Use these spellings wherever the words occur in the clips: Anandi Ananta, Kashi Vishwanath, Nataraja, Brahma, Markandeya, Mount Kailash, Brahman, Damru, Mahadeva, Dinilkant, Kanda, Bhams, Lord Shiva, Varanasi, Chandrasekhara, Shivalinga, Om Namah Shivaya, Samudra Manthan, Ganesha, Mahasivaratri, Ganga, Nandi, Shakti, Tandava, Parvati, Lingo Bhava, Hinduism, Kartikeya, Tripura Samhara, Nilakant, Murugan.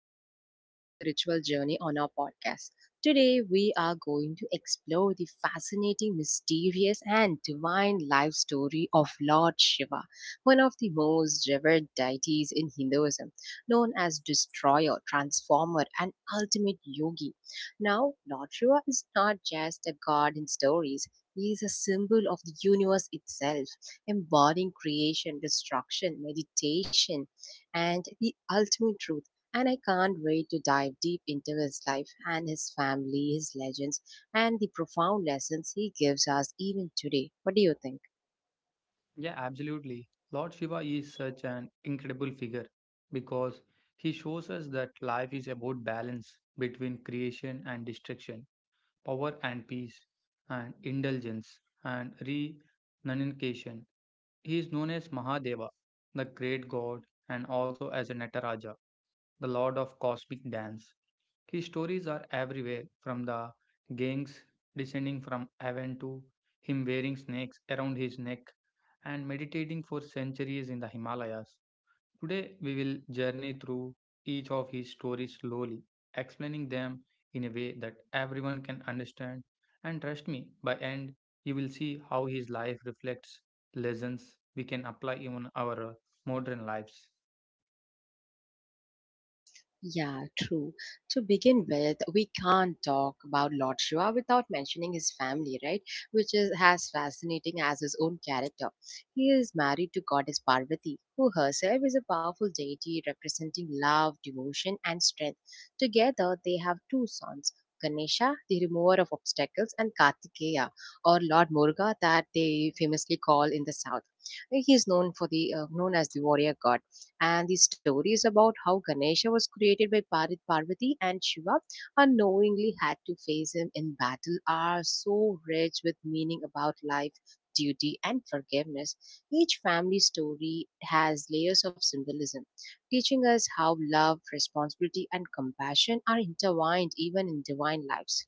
to another spiritual journey on our podcast. Today, we are going to explore the fascinating, mysterious, and divine life story of Lord Shiva, one of the most revered deities in Hinduism, known as destroyer, transformer, and ultimate yogi. Now, Lord Shiva is not just a god in stories. He is a symbol of the universe itself, embodying creation, destruction, meditation, and the ultimate truth. And I can't wait to dive deep into his life and his family, his legends, and the profound lessons he gives us even today. What do you think? Yeah, absolutely. Lord Shiva is such an incredible figure because he shows us that life is about balance between creation and destruction, power and peace, and indulgence and renunciation. He is known as Mahadeva, the great god, and also as a Nataraja, the lord of cosmic dance. His stories are everywhere, from the gangs descending from heaven to him wearing snakes around his neck and meditating for centuries in the Himalayas. Today, we will journey through each of his stories slowly, explaining them in a way that everyone can understand. And trust me, by end, you will see how his life reflects lessons we can apply in our modern lives. Yeah, true. To begin with, we can't talk about Lord Shiva without mentioning his family, right? Which is as fascinating as his own character. He is married to goddess Parvati, who herself is a powerful deity representing love, devotion, and strength. Together, they have two sons. Ganesha, the remover of obstacles, and Kartikeya, or Lord Muruga, that they famously call in the south. He is known for the known as the warrior god. And the story is about how Ganesha was created by Parvati and Shiva unknowingly had to face him in battle are so rich with meaning about life, duty, and forgiveness. Each family story has layers of symbolism, teaching us how love, responsibility, and compassion are intertwined even in divine lives.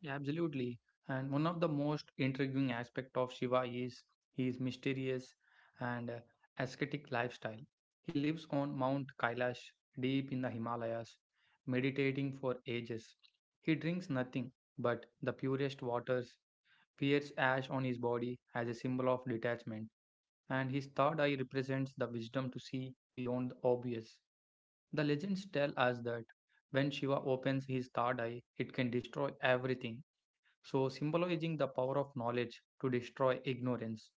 Yeah, absolutely. And one of the most intriguing aspect of Shiva is his mysterious and ascetic lifestyle. He lives on Mount Kailash, deep in the Himalayas, meditating for ages. He drinks nothing but the purest waters, wears ash on his body as a symbol of detachment, and his third eye represents the wisdom to see beyond the obvious. The legends tell us that when Shiva opens his third eye, it can destroy everything. So, symbolizing the power of knowledge to destroy ignorance,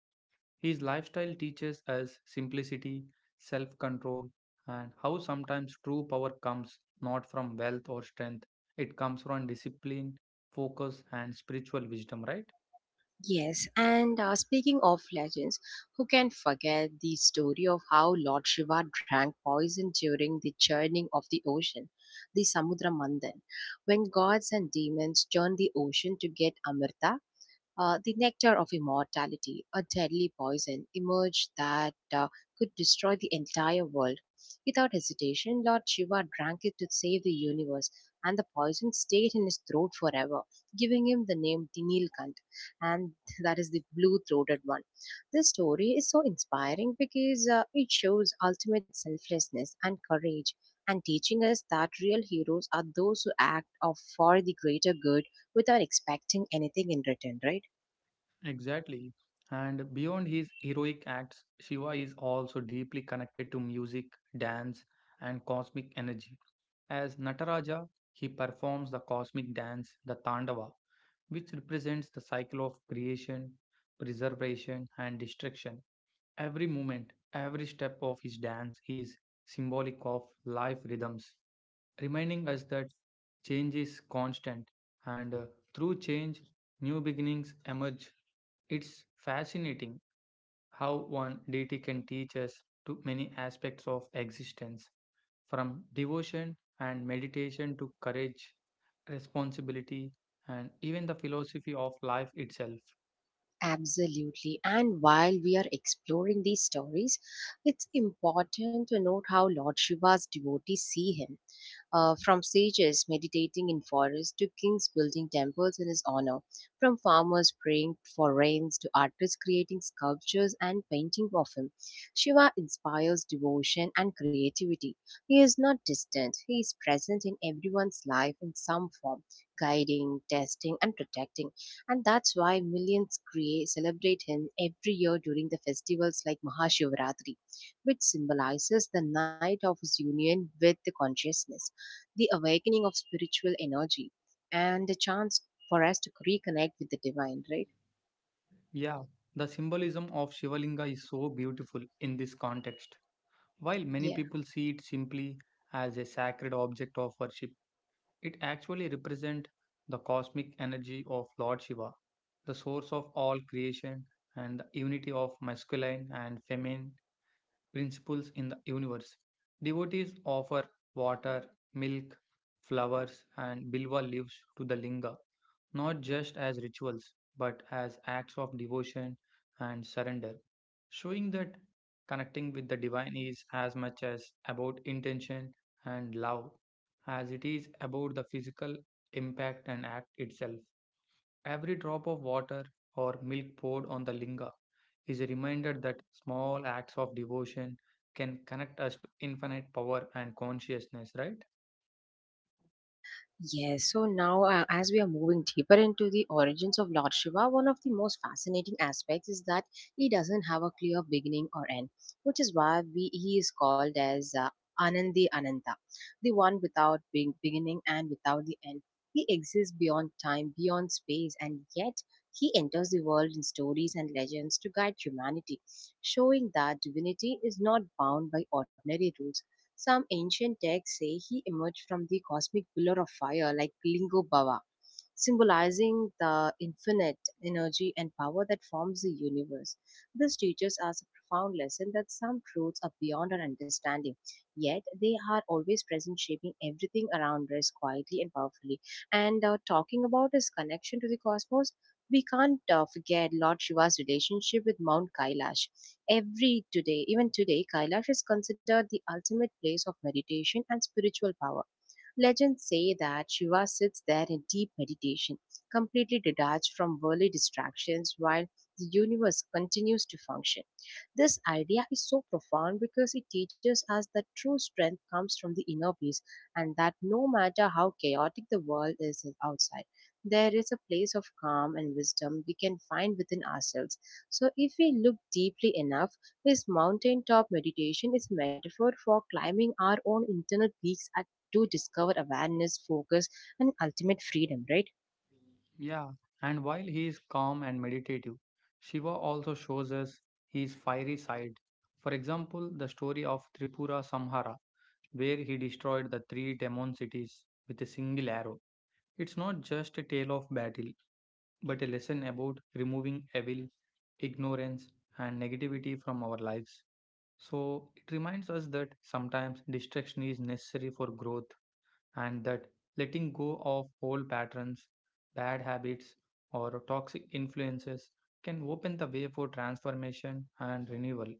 his lifestyle teaches us simplicity, self control, and how sometimes true power comes not from wealth or strength, it comes from discipline, focus, and spiritual wisdom, right? Yes, and speaking of legends, who can forget the story of how Lord Shiva drank poison during the churning of the ocean, the Samudra Mandan, when gods and demons churn the ocean to get Amrita? The nectar of immortality, a deadly poison, emerged that could destroy the entire world. Without hesitation, Lord Shiva drank it to save the universe, and the poison stayed in his throat forever, giving him the name Dinilkant, and that is the blue throated one. This story is so inspiring because it shows ultimate selflessness and courage. And teaching us that real heroes are those who act of for the greater good without expecting anything in return, right? Exactly. And beyond his heroic acts, Shiva is also deeply connected to music, dance, and cosmic energy. As Nataraja, he performs the cosmic dance, the Tandava, which represents the cycle of creation, preservation, and destruction. Every movement, every step of his dance is symbolic of life rhythms, reminding us that change is constant, and through change, new beginnings emerge. It's fascinating how one deity can teach us to many aspects of existence, from devotion and meditation to courage, responsibility, and even the philosophy of life itself. Absolutely. And while we are exploring these stories, it's important to note how Lord Shiva's devotees see him from sages meditating in forests to kings building temples in his honor, from farmers praying for rains to artists creating sculptures and painting of him. Shiva inspires devotion and creativity. He is not distant, he is present in everyone's life in some form, guiding, testing, and protecting. And that's why millions create, celebrate him every year during the festivals like Mahashivratri, which symbolizes the night of his union with the consciousness the awakening of spiritual energy, and a chance for us to reconnect with the divine, right? Yeah, the symbolism of Shivalinga is so beautiful in this context. While many Yeah. people see it simply as a sacred object of worship, it actually represents the cosmic energy of Lord Shiva, the source of all creation and the unity of masculine and feminine principles in the universe. Devotees offer water, milk, flowers, and bilwa leaves to the linga, not just as rituals, but as acts of devotion and surrender, showing that connecting with the divine is as much as about intention and love as it is about the physical impact and act itself. Every drop of water or milk poured on the linga is a reminder that small acts of devotion can connect us to infinite power and consciousness, right? Yes, so now as we are moving deeper into the origins of Lord Shiva, one of the most fascinating aspects is that he doesn't have a clear beginning or end, which is why he is called as Anandi Ananta, the one without being beginning and without the end. He exists beyond time, beyond space, and yet he enters the world in stories and legends to guide humanity, showing that divinity is not bound by ordinary rules some ancient texts say he emerged from the cosmic pillar of fire like Lingo Bhava, symbolizing the infinite energy and power that forms the universe. This teaches us a profound lesson that some truths are beyond our understanding, yet they are always present, shaping everything around us quietly and powerfully. And talking about his connection to the cosmos, we can't forget Lord Shiva's relationship with Mount Kailash. Even today, Kailash is considered the ultimate place of meditation and spiritual power. Legends say that Shiva sits there in deep meditation, completely detached from worldly distractions while the universe continues to function. This idea is so profound because it teaches us that true strength comes from the inner peace and that no matter how chaotic the world is outside, there is a place of calm and wisdom we can find within ourselves. So, if we look deeply enough, this mountaintop meditation is a metaphor for climbing our own internal peaks at to discover awareness, focus, and ultimate freedom, right? Yeah. And while he is calm and meditative, Shiva also shows us his fiery side. For example, the story of Tripura Samhara, where he destroyed the three demon cities with a single arrow. It's not just a tale of battle, but a lesson about removing evil, ignorance, and negativity from our lives. So it reminds us that sometimes distraction is necessary for growth, and that letting go of old patterns, bad habits, or toxic influences can open the way for transformation and renewal.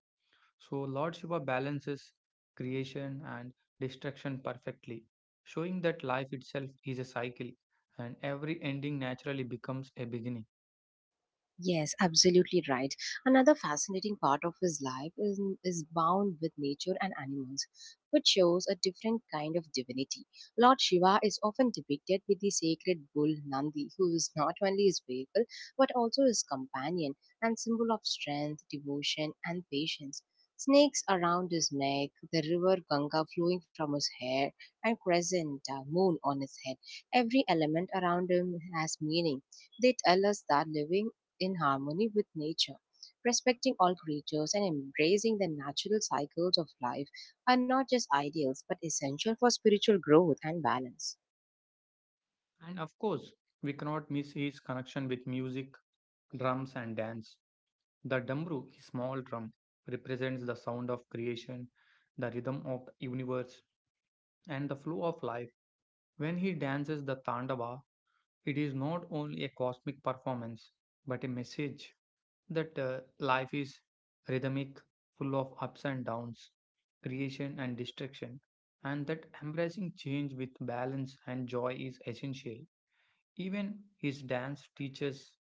So Lord Shiva balances creation and destruction perfectly, showing that life itself is a cycle and every ending naturally becomes a beginning. Yes, absolutely right. Another fascinating part of his life is bound with nature and animals, which shows a different kind of divinity. Lord Shiva is often depicted with the sacred bull Nandi, who is not only his vehicle but also his companion and symbol of strength, devotion, and patience. Snakes around his neck, the river Ganga flowing from his hair, and crescent moon on his head. Every element around him has meaning. They tell us that living in harmony with nature. Respecting all creatures and embracing the natural cycles of life are not just ideals but essential for spiritual growth and balance. And of course, we cannot miss his connection with music, drums, and dance. The damru, a small drum, represents the sound of creation, the rhythm of the universe, and the flow of life. When he dances the Tandava, it is not only a cosmic performance, but a message that life is rhythmic, full of ups and downs, creation and destruction, and that embracing change with balance and joy is essential. Even his dance teaches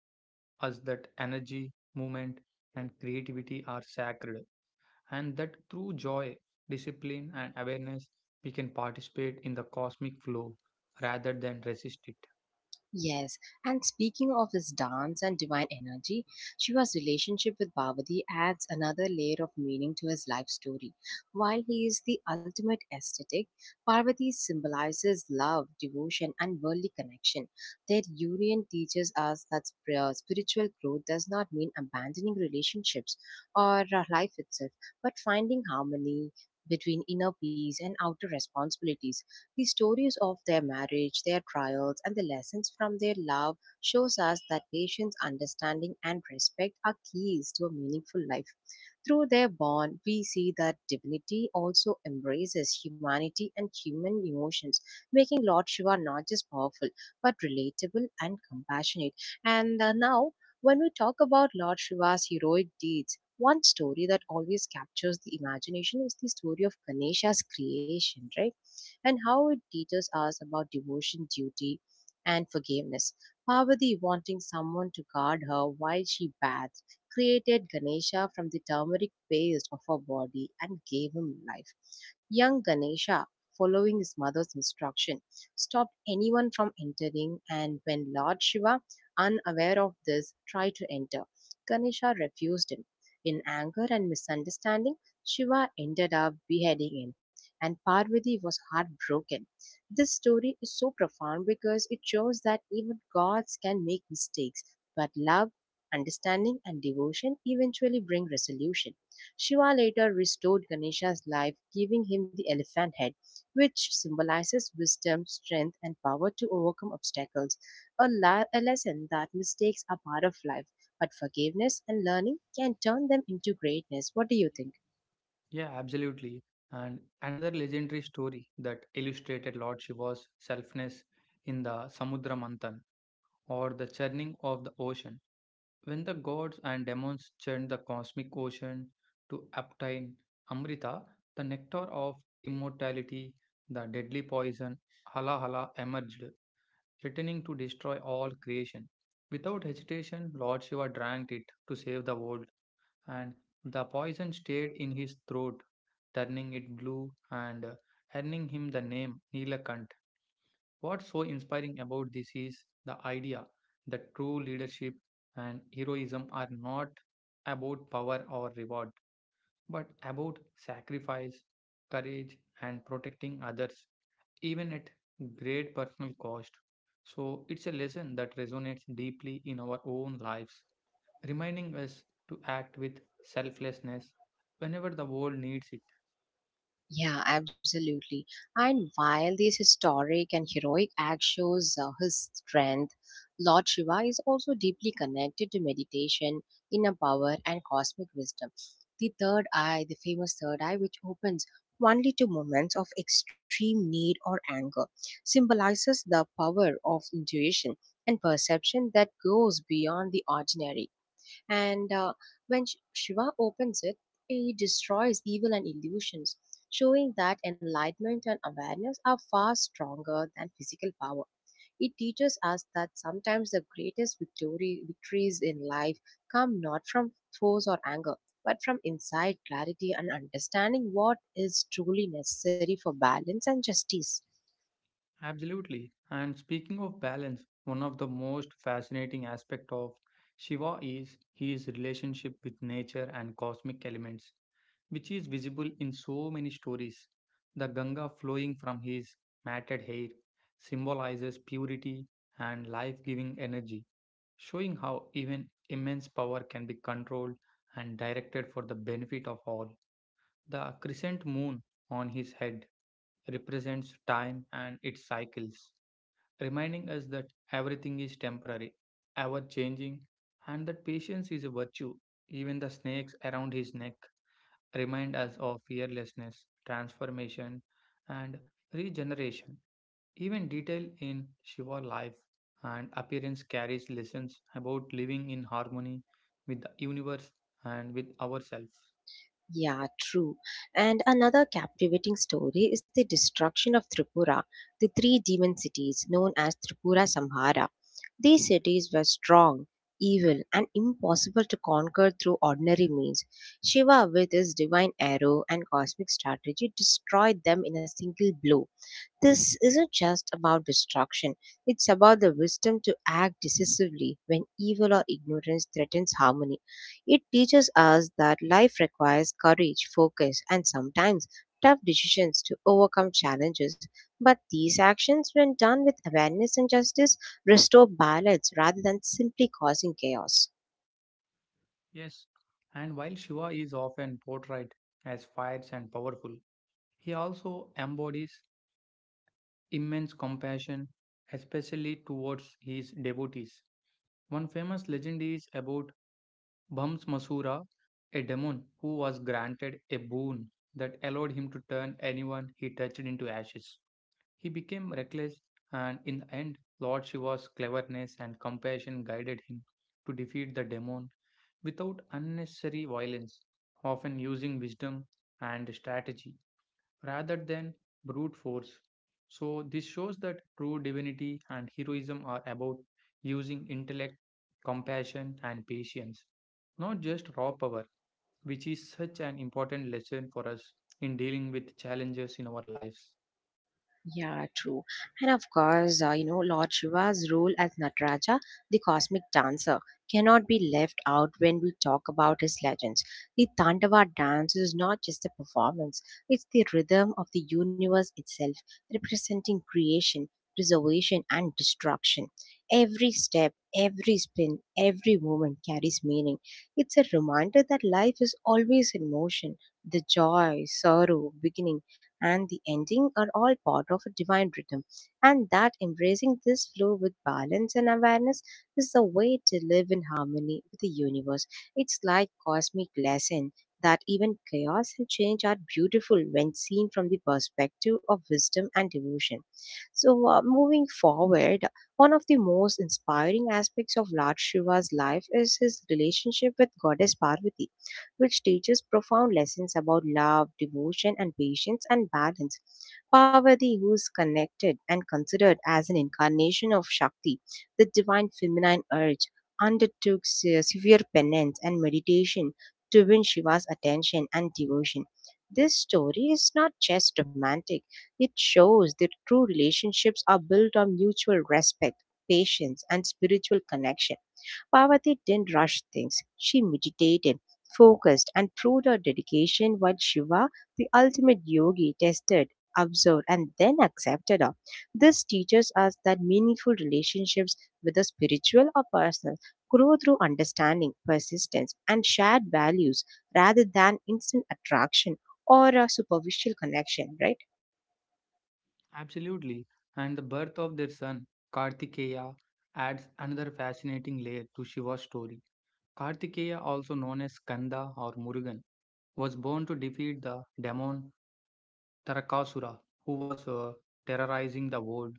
us that energy, movement, and creativity are sacred, and that through joy, discipline, and awareness, we can participate in the cosmic flow rather than resist it. Yes, and speaking of his dance and divine energy, Shiva's relationship with Parvati adds another layer of meaning to his life story. While he is the ultimate aesthetic, Parvati symbolizes love, devotion, and worldly connection. Their union teaches us that spiritual growth does not mean abandoning relationships or life itself, but finding harmony between inner peace and outer responsibilities. The stories of their marriage, their trials, and the lessons from their love shows us that patience, understanding, and respect are keys to a meaningful life. Through their bond, we see that divinity also embraces humanity and human emotions, making Lord Shiva not just powerful but relatable and compassionate. And now, when we talk about Lord Shiva's heroic deeds, one story that always captures the imagination is the story of Ganesha's creation, right? And how it teaches us about devotion, duty, and forgiveness. Parvati, wanting someone to guard her while she bathed, created Ganesha from the turmeric paste of her body and gave him life. Young Ganesha, following his mother's instruction, stopped anyone from entering, and when Lord Shiva, unaware of this, tried to enter, Ganesha refused him. In anger and misunderstanding, Shiva ended up beheading him and Parvati was heartbroken. This story is so profound because it shows that even gods can make mistakes, but love, understanding, and devotion eventually bring resolution. Shiva later restored Ganesha's life, giving him the elephant head, which symbolizes wisdom, strength, and power to overcome obstacles. A lesson that mistakes are part of life, but forgiveness and learning can turn them into greatness. What do you think? Yeah, absolutely. And another legendary story that illustrated Lord Shiva's selfness in the Samudra Manthan, or the churning of the ocean. When the gods and demons churned the cosmic ocean to obtain Amrita, the nectar of immortality, the deadly poison Halahala emerged, threatening to destroy all creation. Without hesitation, Lord Shiva drank it to save the world, and the poison stayed in his throat, turning it blue and earning him the name Nilakant. What's so inspiring about this is the idea that true leadership and heroism are not about power or reward, but about sacrifice, courage, and protecting others, even at great personal cost. So, it's a lesson that resonates deeply in our own lives, reminding us to act with selflessness whenever the world needs it. Yeah, absolutely. And while this historic and heroic act shows his strength, Lord Shiva is also deeply connected to meditation, inner power, and cosmic wisdom. The third eye, the famous third eye, which opens only to moments of extreme need or anger, symbolizes the power of intuition and perception that goes beyond the ordinary. And when Shiva opens it, he destroys evil and illusions, showing that enlightenment and awareness are far stronger than physical power. It teaches us that sometimes the greatest victories in life come not from force or anger, but from insight, clarity, and understanding what is truly necessary for balance and justice. Absolutely. And speaking of balance, one of the most fascinating aspect of Shiva is his relationship with nature and cosmic elements, which is visible in so many stories. The Ganga flowing from his matted hair symbolizes purity and life-giving energy, showing how even immense power can be controlled and directed for the benefit of all. The crescent moon on his head represents time and its cycles, reminding us that everything is temporary, ever changing, and that patience is a virtue. Even the snakes around his neck remind us of fearlessness, transformation, and regeneration. Even detail in Shiva life and appearance carries lessons about living in harmony with the universe and with ourselves. Yeah, true. And another captivating story is the destruction of Tripura, the three demon cities known as Tripura Samhara. These cities were strong, evil, and impossible to conquer through ordinary means. Shiva, with his divine arrow and cosmic strategy, destroyed them in a single blow. This isn't just about destruction, it's about the wisdom to act decisively when evil or ignorance threatens harmony. It teaches us that life requires courage, focus, and sometimes tough decisions to overcome challenges. But these actions, when done with awareness and justice, restore balance rather than simply causing chaos. Yes, and while Shiva is often portrayed as fierce and powerful, he also embodies immense compassion, especially towards his devotees. One famous legend is about Bhams, a demon who was granted a boon that allowed him to turn anyone he touched into ashes. He became reckless, and in the end, Lord Shiva's cleverness and compassion guided him to defeat the demon without unnecessary violence, often using wisdom and strategy rather than brute force. So, this shows that true divinity and heroism are about using intellect, compassion, and patience, not just raw power, which is such an important lesson for us in dealing with challenges in our lives. Yeah, true. And of course, you know, Lord Shiva's role as Nataraja, the cosmic dancer, cannot be left out when we talk about his legends. The Tandava dance is not just a performance, it's the rhythm of the universe itself, representing creation, preservation, and destruction. Every step, every spin, every movement carries meaning. It's a reminder that life is always in motion. The joy, sorrow, beginning, and the ending are all part of a divine rhythm. And that embracing this flow with balance and awareness is the way to live in harmony with the universe. It's like cosmic lesson that even chaos and change are beautiful when seen from the perspective of wisdom and devotion. So, moving forward, one of the most inspiring aspects of Lord Shiva's life is his relationship with Goddess Parvati which teaches profound lessons about love, devotion, and patience and balance. Parvati, who is connected and considered as an incarnation of Shakti, the divine feminine urge, undertook severe penance and meditation to win Shiva's attention and devotion. This story is not just romantic, it shows that true relationships are built on mutual respect, patience, and spiritual connection Parvati didn't rush things. She meditated, focused, and proved her dedication while Shiva, the ultimate yogi, tested, observed, and then accepted her. This teaches us that meaningful relationships, whether spiritual or personal, grow through understanding, persistence, and shared values rather than instant attraction or a superficial connection, right? Absolutely. And the birth of their son, Kartikeya, adds another fascinating layer to Shiva's story. Kartikeya, also known as Kanda or Murugan, was born to defeat the demon Tarakasura, who was terrorizing the world.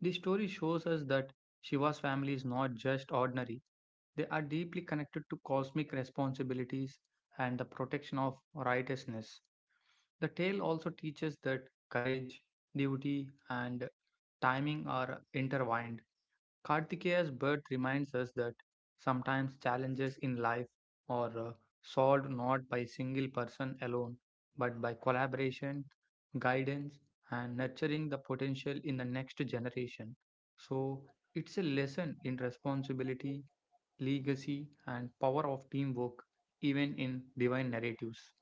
The story shows us that Shiva's family is not just ordinary, they are deeply connected to cosmic responsibilities and the protection of righteousness. The tale also teaches that courage, duty, and timing are intertwined. Kartikeya's birth reminds us that sometimes challenges in life are solved not by a single person alone, but by collaboration, guidance, and nurturing the potential in the next generation. So, it's a lesson in responsibility, legacy, and power of teamwork, even in divine narratives.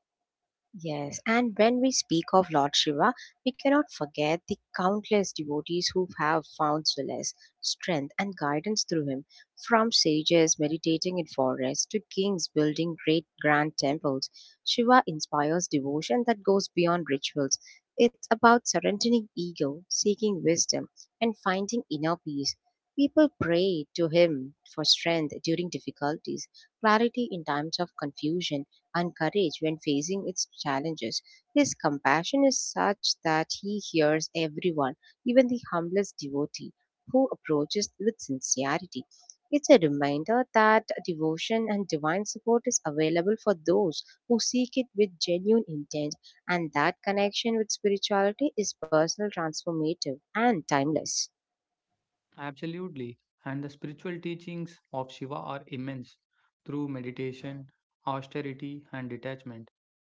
Yes, and when we speak of Lord Shiva, we cannot forget the countless devotees who have found solace, strength, and guidance through him. From sages meditating in forests to kings building great grand temples, Shiva inspires devotion that goes beyond rituals. It's about surrendering ego, seeking wisdom, and finding inner peace. People pray to him for strength during difficulties, clarity in times of confusion and courage when facing its challenges. His compassion is such that he hears everyone, even the humblest devotee, who approaches with sincerity. It's a reminder that devotion and divine support is available for those who seek it with genuine intent, and that connection with spirituality is personal, transformative, and timeless. Absolutely. And the spiritual teachings of Shiva are immense. Through meditation, austerity, and detachment,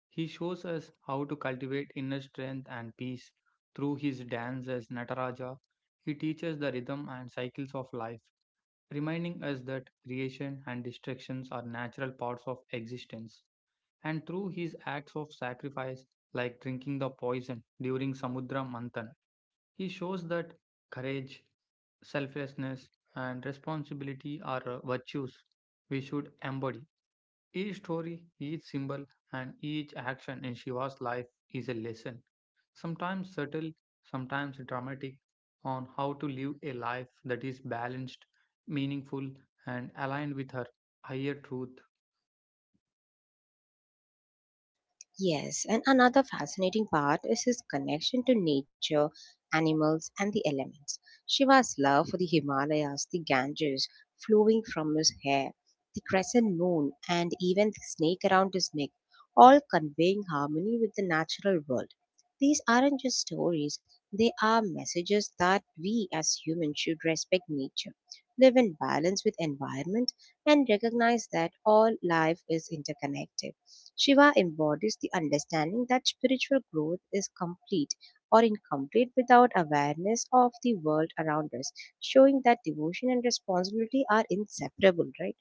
he shows us how to cultivate inner strength and peace. Through his dance as Nataraja, he teaches the rhythm and cycles of life, reminding us that creation and destructions are natural parts of existence. And through his acts of sacrifice, like drinking the poison during Samudra Manthan, he shows that courage, selflessness, and responsibility are virtues we should embody. Each story, each symbol, and each action in Shiva's life is a lesson, sometimes subtle, sometimes dramatic, on how to live a life that is balanced, meaningful, and aligned with her higher truth. Yes, and another fascinating part is his connection to nature, animals, and the elements. Shiva's love for the Himalayas, the Ganges flowing from his hair, the crescent moon, and even the snake around his neck, all conveying harmony with the natural world. These aren't just stories, they are messages that we as humans should respect nature, live in balance with environment, and recognize that all life is interconnected. Shiva embodies the understanding that spiritual growth is complete or incomplete without awareness of the world around us, showing that devotion and responsibility are inseparable, right?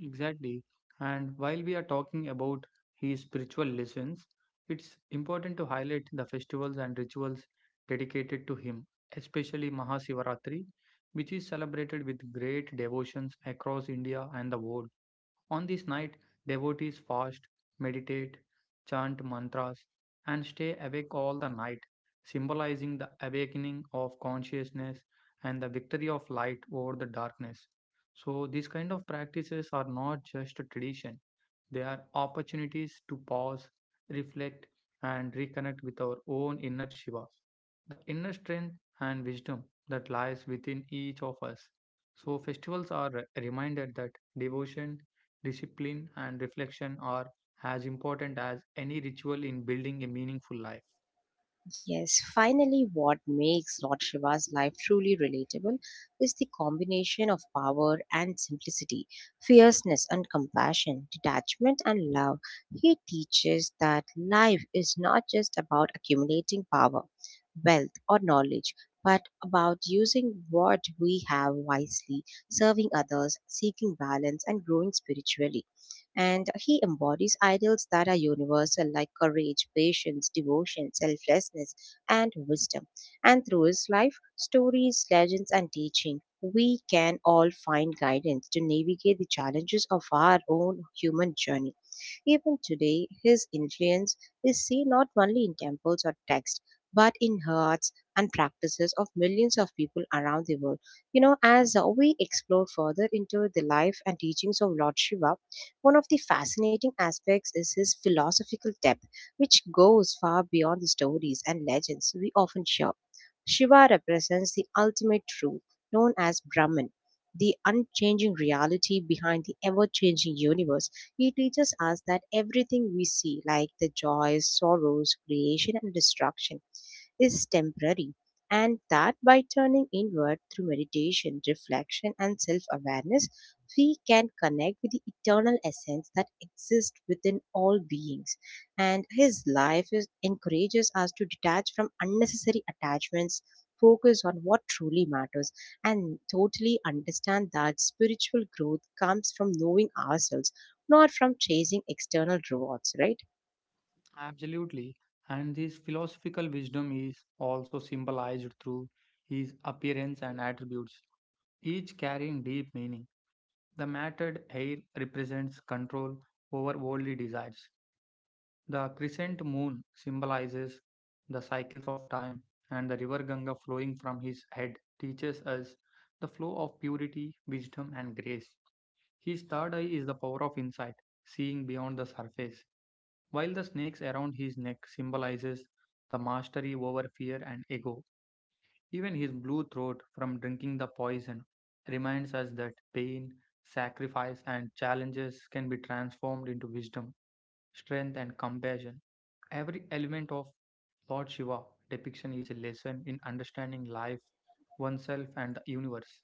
Exactly. And while we are talking about his spiritual lessons, it's important to highlight the festivals and rituals dedicated to him, especially Mahasivaratri, which is celebrated with great devotions across India and the world. On this night, devotees fast, meditate, chant mantras, and stay awake all the night, symbolizing the awakening of consciousness and the victory of light over the darkness. So, these kind of practices are not just a tradition, they are opportunities to pause, reflect, and reconnect with our own inner Shiva, the inner strength and wisdom that lies within each of us. So, festivals are a reminder that devotion, discipline, and reflection are as important as any ritual in building a meaningful life. Yes, finally, what makes Lord Shiva's life truly relatable is the combination of power and simplicity, fierceness and compassion, detachment and love. He teaches that life is not just about accumulating power, wealth, or knowledge, but about using what we have wisely, serving others, seeking balance, and growing spiritually. And he embodies ideals that are universal, like courage, patience, devotion, selflessness, and wisdom. And through his life, stories, legends, and teaching, we can all find guidance to navigate the challenges of our own human journey. Even today, his influence is seen not only in temples or texts, but in hearts and practices of millions of people around the world. You know, as we explore further into the life and teachings of Lord Shiva, one of the fascinating aspects is his philosophical depth, which goes far beyond the stories and legends we often share. Shiva represents the ultimate truth, known as Brahman, the unchanging reality behind the ever changing universe. He teaches us that everything we see, like the joys, sorrows, creation, and destruction, is temporary, and that by turning inward through meditation, reflection, and self awareness, we can connect with the eternal essence that exists within all beings. And his life is, encourages us to detach from unnecessary attachments. Focus on what truly matters and totally understand that spiritual growth comes from knowing ourselves, not from chasing external rewards, right? Absolutely. And this philosophical wisdom is also symbolized through his appearance and attributes, each carrying deep meaning. The matted hair represents control over worldly desires. The crescent moon symbolizes the cycles of time, and the river Ganga flowing from his head teaches us the flow of purity, wisdom, and grace. His third eye is the power of insight, seeing beyond the surface, while the snakes around his neck symbolizes the mastery over fear and ego. Even his blue throat from drinking the poison reminds us that pain, sacrifice, and challenges can be transformed into wisdom, strength, and compassion. Every element of Lord Shiva depiction is a lesson in understanding life, oneself, and the universe.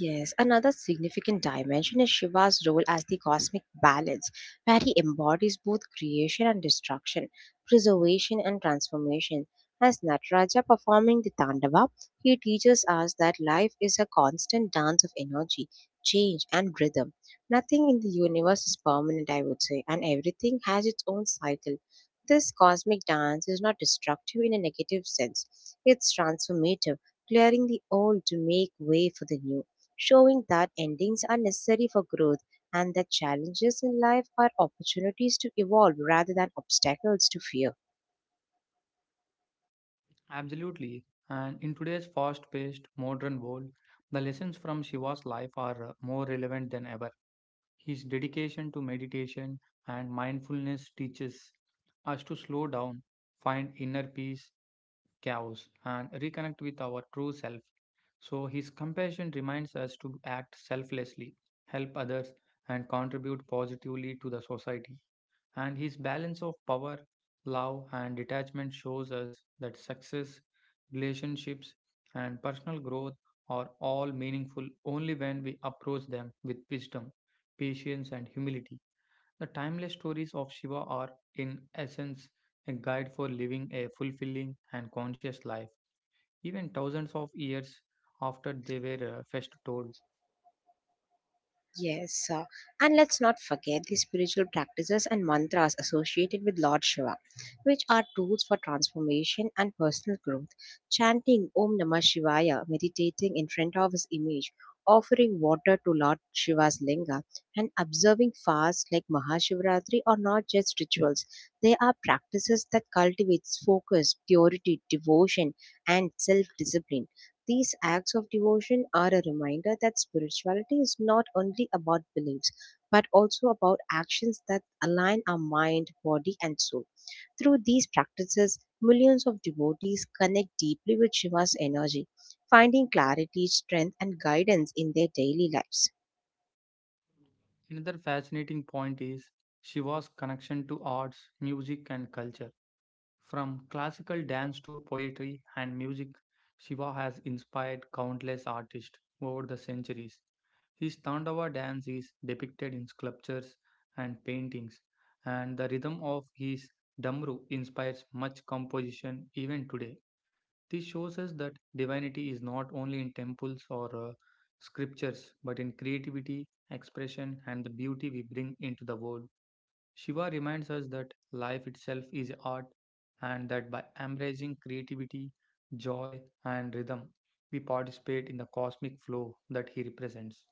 Yes, another significant dimension is Shiva's role as the cosmic balance, where he embodies both creation and destruction, preservation and transformation. As Nataraja performing the Tandava, he teaches us that life is a constant dance of energy, change, and rhythm. Nothing in the universe is permanent, I would say, and everything has its own cycle. This cosmic dance is not destructive in a negative sense, it's transformative, clearing the old to make way for the new showing that endings are necessary for growth and that challenges in life are opportunities to evolve rather than obstacles to fear. Absolutely. And in today's fast paced modern world, the lessons from Shiva's life are more relevant than ever. His dedication to meditation and mindfulness teaches us to slow down, find inner peace, chaos, and reconnect with our true self. So, his compassion reminds us to act selflessly, help others, and contribute positively to the society and his balance of power, love, and detachment shows us that success, relationships, and personal growth are all meaningful only when we approach them with wisdom, patience, and humility. The timeless stories of Shiva are, in essence, a guide for living a fulfilling and conscious life, even thousands of years after they were first told. Yes, and let's not forget the spiritual practices and mantras associated with Lord Shiva, which are tools for transformation and personal growth. Chanting Om Namah Shivaya, meditating in front of his image, offering water to Lord Shiva's linga, and observing fasts like Mahashivratri are not just rituals. They are practices that cultivates focus, purity, devotion, and self-discipline these acts of devotion are a reminder that spirituality is not only about beliefs, but also about actions that align our mind, body, and soul. Through these practices, millions of devotees connect deeply with Shiva's energy, finding clarity, strength, and guidance in their daily lives. Another fascinating point is Shiva's connection to arts, music, and culture. From classical dance to poetry and music, Shiva has inspired countless artists over the centuries. His Tandava dance is depicted in sculptures and paintings, and the rhythm of his Damru inspires much composition even today. This shows us that divinity is not only in temples or scriptures, but in creativity, expression, and the beauty we bring into the world. Shiva reminds us that life itself is art and that by embracing creativity, joy, and rhythm, we participate in the cosmic flow that he represents.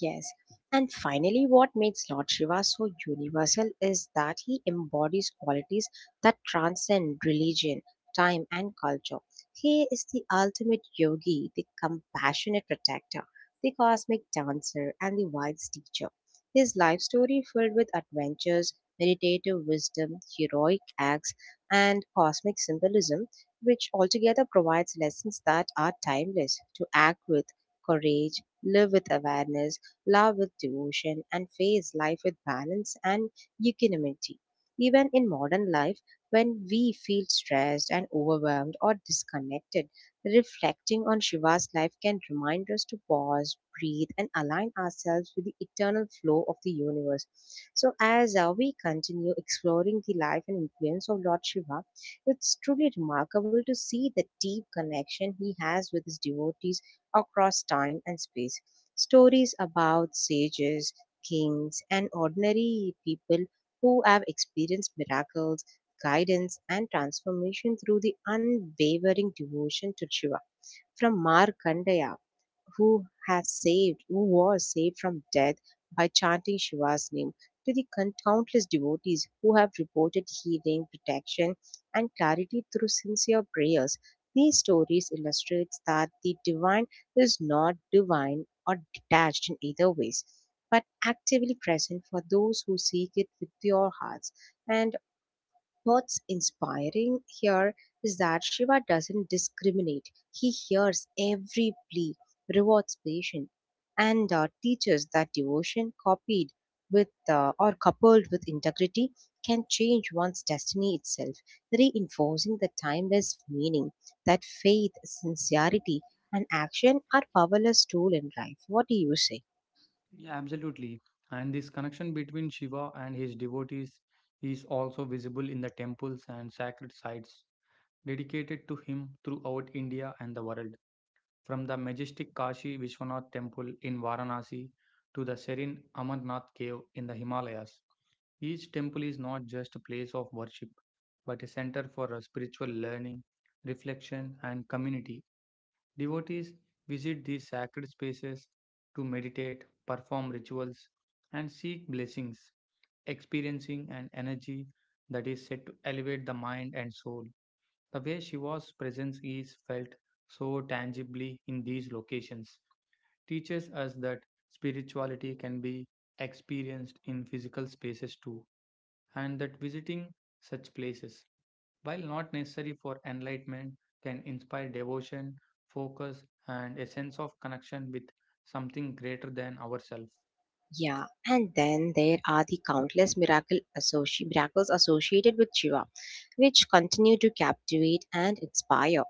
Yes. And finally, what makes Lord Shiva so universal is that he embodies qualities that transcend religion, time, and culture. He is the ultimate yogi, the compassionate protector, the cosmic dancer, and the wise teacher. His life story, filled with adventures, meditative wisdom, heroic acts, and cosmic symbolism, which altogether provides lessons that are timeless to act with courage, live with awareness love with devotion, and face life with balance and equanimity. Even in modern life, when we feel stressed and overwhelmed or disconnected, reflecting on Shiva's life can remind us to pause, breathe, and align ourselves with the eternal flow of the universe. So, as we continue exploring the life and influence of Lord Shiva, it's truly remarkable to see the deep connection he has with his devotees across time and space. Stories about sages, kings, and ordinary people who have experienced miracles, guidance, and transformation through the unwavering devotion to Shiva. From Markandeya, who was saved from death by chanting Shiva's name, to the countless devotees who have reported healing, protection, and clarity through sincere prayers. These stories illustrate that the divine is not divine or detached in either ways, but actively present for those who seek it with pure hearts. And what's inspiring here is that Shiva doesn't discriminate. He hears every plea, rewards patience, and teaches that devotion copied with or coupled with integrity can change one's destiny itself, reinforcing the timeless meaning that faith, sincerity, and action are powerless tool in life. What do you say? Yeah, absolutely. And this connection between Shiva and his devotees is also visible in the temples and sacred sites dedicated to him throughout India and the world. From the majestic Kashi Vishwanath temple in Varanasi to the serene Amarnath cave in the Himalayas, each temple is not just a place of worship, but a center for spiritual learning, reflection, and community. Devotees visit these sacred spaces to meditate, perform rituals, and seek blessings, experiencing an energy that is said to elevate the mind and soul. The way Shiva's presence is felt so tangibly in these locations teaches us that spirituality can be experienced in physical spaces too and that visiting such places, while not necessary for enlightenment, can inspire devotion, focus, and a sense of connection with something greater than ourselves. Yeah, and then there are the countless miracles associated with Shiva, which continue to captivate and inspire.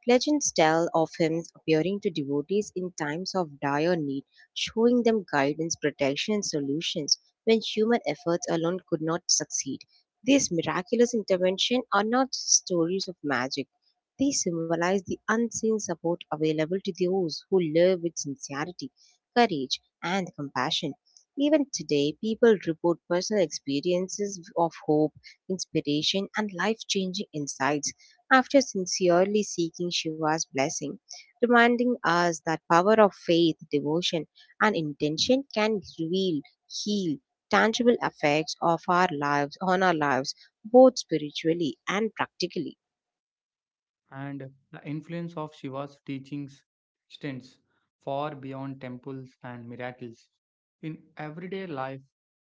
Legends tell of him appearing to devotees in times of dire need, showing them guidance, protection, and solutions when human efforts alone could not succeed. These miraculous interventions are not just stories of magic. They symbolize the unseen support available to those who live with sincerity, courage, and compassion. Even today, people report personal experiences of hope, inspiration, and life changing insights after sincerely seeking Shiva's blessing, reminding us that power of faith, devotion, and intention can reveal, heal, tangible effects of our lives on our lives both spiritually and practically. And the influence of Shiva's teachings extends far beyond temples and miracles. In everyday life,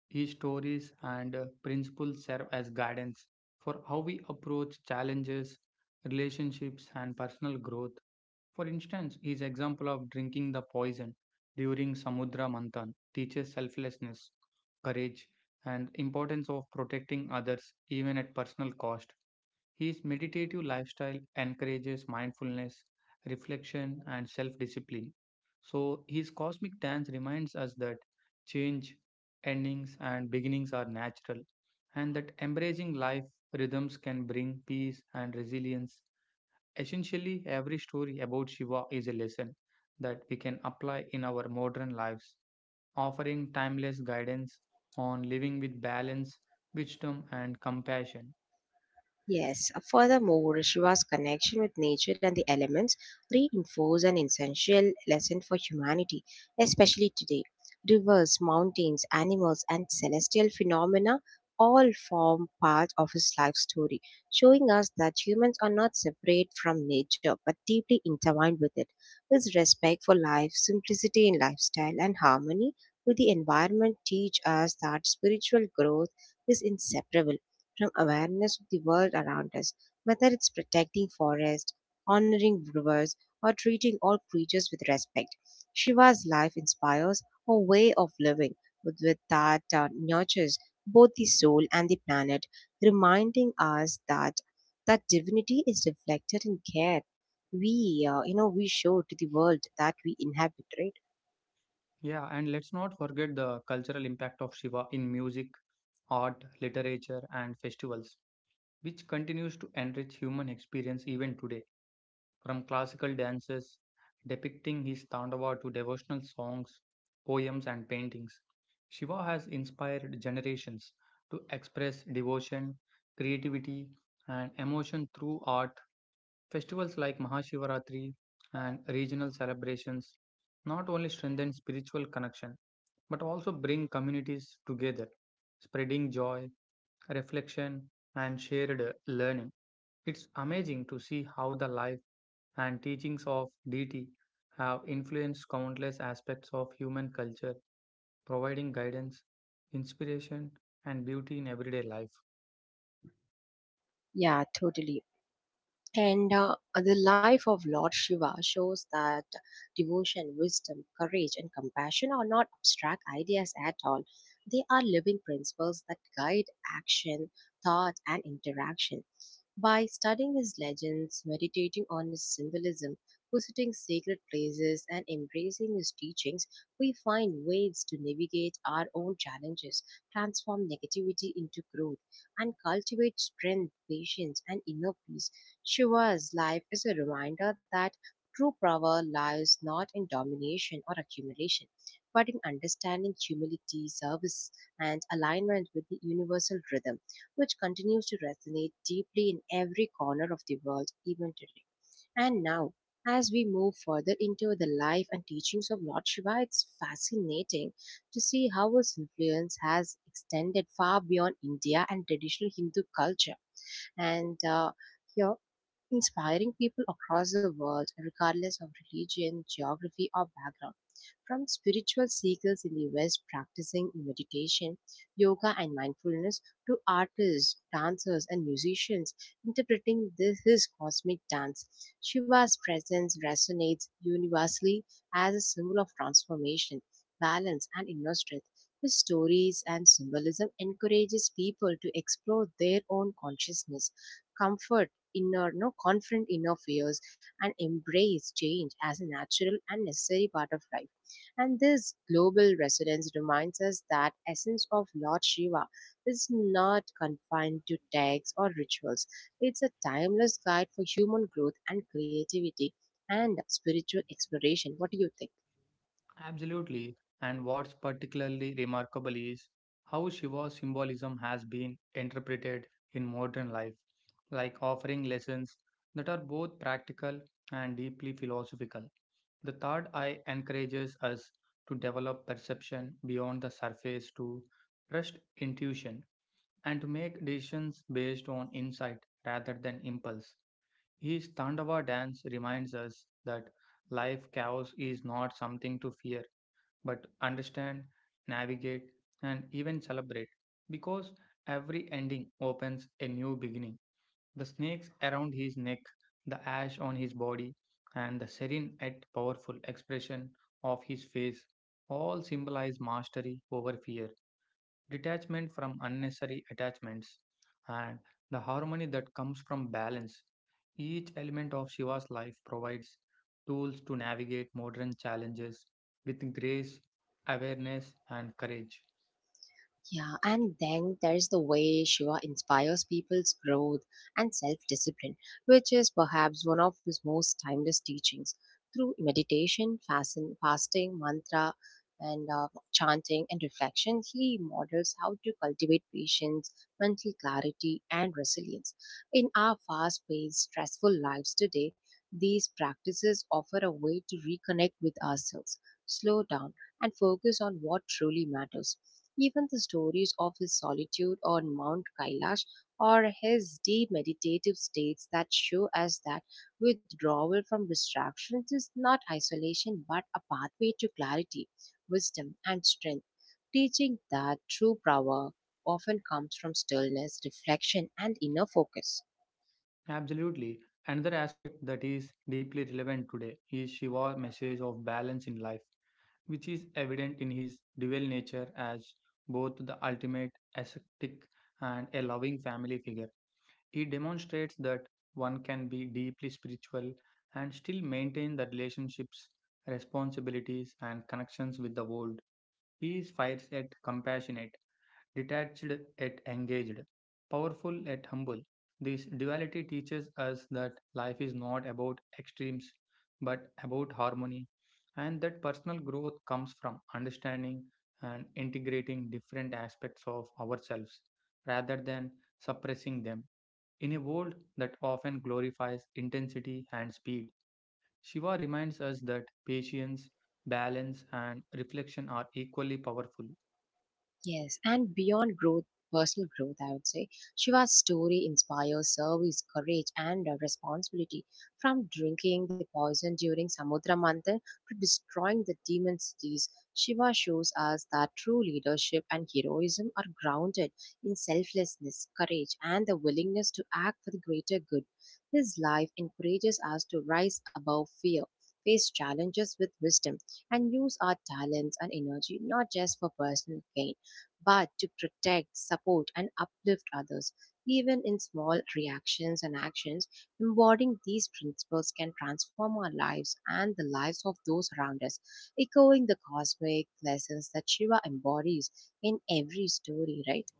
his stories and principles serve as guidance for how we approach challenges, relationships, and personal growth. For instance, his example of drinking the poison during Samudra Manthan teaches selflessness, courage, and importance of protecting others even at personal cost. His meditative lifestyle encourages mindfulness, reflection, and self discipline. So, his cosmic dance reminds us that change, endings, and beginnings are natural, and that embracing life rhythms can bring peace and resilience. Essentially, every story about Shiva is a lesson that we can apply in our modern lives, offering timeless guidance on living with balance, wisdom, and compassion. Yes, furthermore, Shiva's connection with nature and the elements reinforce an essential lesson for humanity, especially today. Rivers, mountains, animals, and celestial phenomena all form part of his life story, showing us that humans are not separate from nature but deeply intertwined with it. His respect for life, simplicity in lifestyle, and harmony with the environment teach us that spiritual growth is inseparable from awareness of the world around us, whether it's protecting forests, honoring rivers, or treating all creatures with respect. Shiva's life inspires a way of living with that nurtures both the soul and the planet, reminding us that divinity is reflected in care we we show to the world that we inhabit, right. Yeah, and let's not forget the cultural impact of Shiva in music, art, literature, and festivals, which continues to enrich human experience even today from classical dances depicting his Tandava to devotional songs, poems, and paintings. Shiva has inspired generations to express devotion, creativity, and emotion through art. Festivals like Mahashivaratri and regional celebrations not only strengthen spiritual connection but also bring communities together, spreading joy, reflection, and shared learning. It's amazing to see how the life and teachings of deity have influenced countless aspects of human culture, providing guidance, inspiration, and beauty in everyday life. Yeah, totally. And the life of Lord Shiva shows that devotion, wisdom, courage, and compassion are not abstract ideas at all. They are living principles that guide action, thought, and interaction. By studying his legends, meditating on his symbolism, visiting sacred places, and embracing his teachings, we find ways to navigate our own challenges, transform negativity into growth, and cultivate strength, patience, and inner peace. Shiva's life is a reminder that true power lies not in domination or accumulation, but in understanding humility, service, and alignment with the universal rhythm which continues to resonate deeply in every corner of the world even today. And now, as we move further into the life and teachings of Lord Shiva, it's fascinating to see how his influence has extended far beyond India and traditional Hindu culture. And here, inspiring people across the world, regardless of religion, geography, or background. From spiritual seekers in the West practicing meditation, yoga, and mindfulness, to artists, dancers, and musicians interpreting his cosmic dance, Shiva's presence resonates universally as a symbol of transformation, balance, and inner strength. His stories and symbolism encourages people to explore their own consciousness, comfort, inner, no confront inner fears and embrace change as a natural and necessary part of life. And this global resonance reminds us that essence of Lord Shiva is not confined to texts or rituals. It's a timeless guide for human growth and creativity and spiritual exploration. What do you think? Absolutely. And what's particularly remarkable is how Shiva's symbolism has been interpreted in modern life, like offering lessons that are both practical and deeply philosophical. The third eye encourages us to develop perception beyond the surface, to trust intuition, and to make decisions based on insight rather than impulse. His Tandava dance reminds us that life chaos is not something to fear but understand, navigate, and even celebrate because every ending opens a new beginning. The snakes around his neck, the ash on his body, and the serene yet powerful expression of his face all symbolize mastery over fear detachment from unnecessary attachments, and the harmony that comes from balance. Each element of Shiva's life provides tools to navigate modern challenges with grace, awareness, and courage. Yeah, and then there's the way Shiva inspires people's growth and self discipline, which is perhaps one of his most timeless teachings. Through meditation, fasting, mantra, and chanting and reflection, he models how to cultivate patience, mental clarity, and resilience. In our fast paced, stressful lives today, these practices offer a way to reconnect with ourselves, slow down, and focus on what truly matters. Even the stories of his solitude on Mount Kailash or his deep meditative states that show us that withdrawal from distractions is not isolation but a pathway to clarity, wisdom, and strength, teaching that true power often comes from stillness, reflection, and inner focus. Absolutely. Another aspect that is deeply relevant today is Shiva's message of balance in life, which is evident in his dual nature as both the ultimate ascetic and a loving family figure. He demonstrates that one can be deeply spiritual and still maintain the relationships, responsibilities, and connections with the world. He is fierce yet compassionate, detached yet engaged, powerful yet humble. This duality teaches us that life is not about extremes but about harmony, and that personal growth comes from understanding and integrating different aspects of ourselves rather than suppressing them. In a world that often glorifies intensity and speed, Shiva reminds us that patience, balance, and reflection are equally powerful. Yes, and beyond growth, personal growth, I would say, Shiva's story inspires service, courage, and responsibility. From drinking the poison during Samudra Manthan to destroying the demon cities, Shiva shows us that true leadership and heroism are grounded in selflessness, courage, and the willingness to act for the greater good. His life encourages us to rise above fear. Face challenges with wisdom and use our talents and energy not just for personal gain but to protect, support, and uplift others. Even in small reactions and actions, embodying these principles can transform our lives and the lives of those around us, echoing the cosmic lessons that Shiva embodies in every story, right?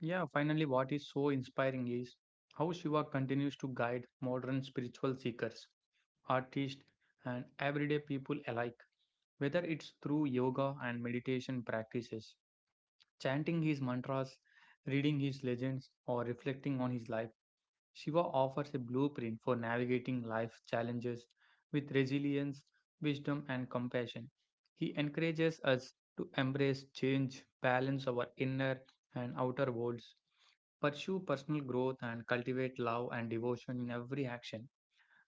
Yeah, finally, what is so inspiring is how Shiva continues to guide modern spiritual seekers, artists, and everyday people alike, whether it's through yoga and meditation practices, chanting his mantras, reading his legends, or reflecting on his life. Shiva offers a blueprint for navigating life's challenges with resilience, wisdom, and compassion. He encourages us to embrace change, balance our inner and outer worlds, pursue personal growth, and cultivate love and devotion in every action.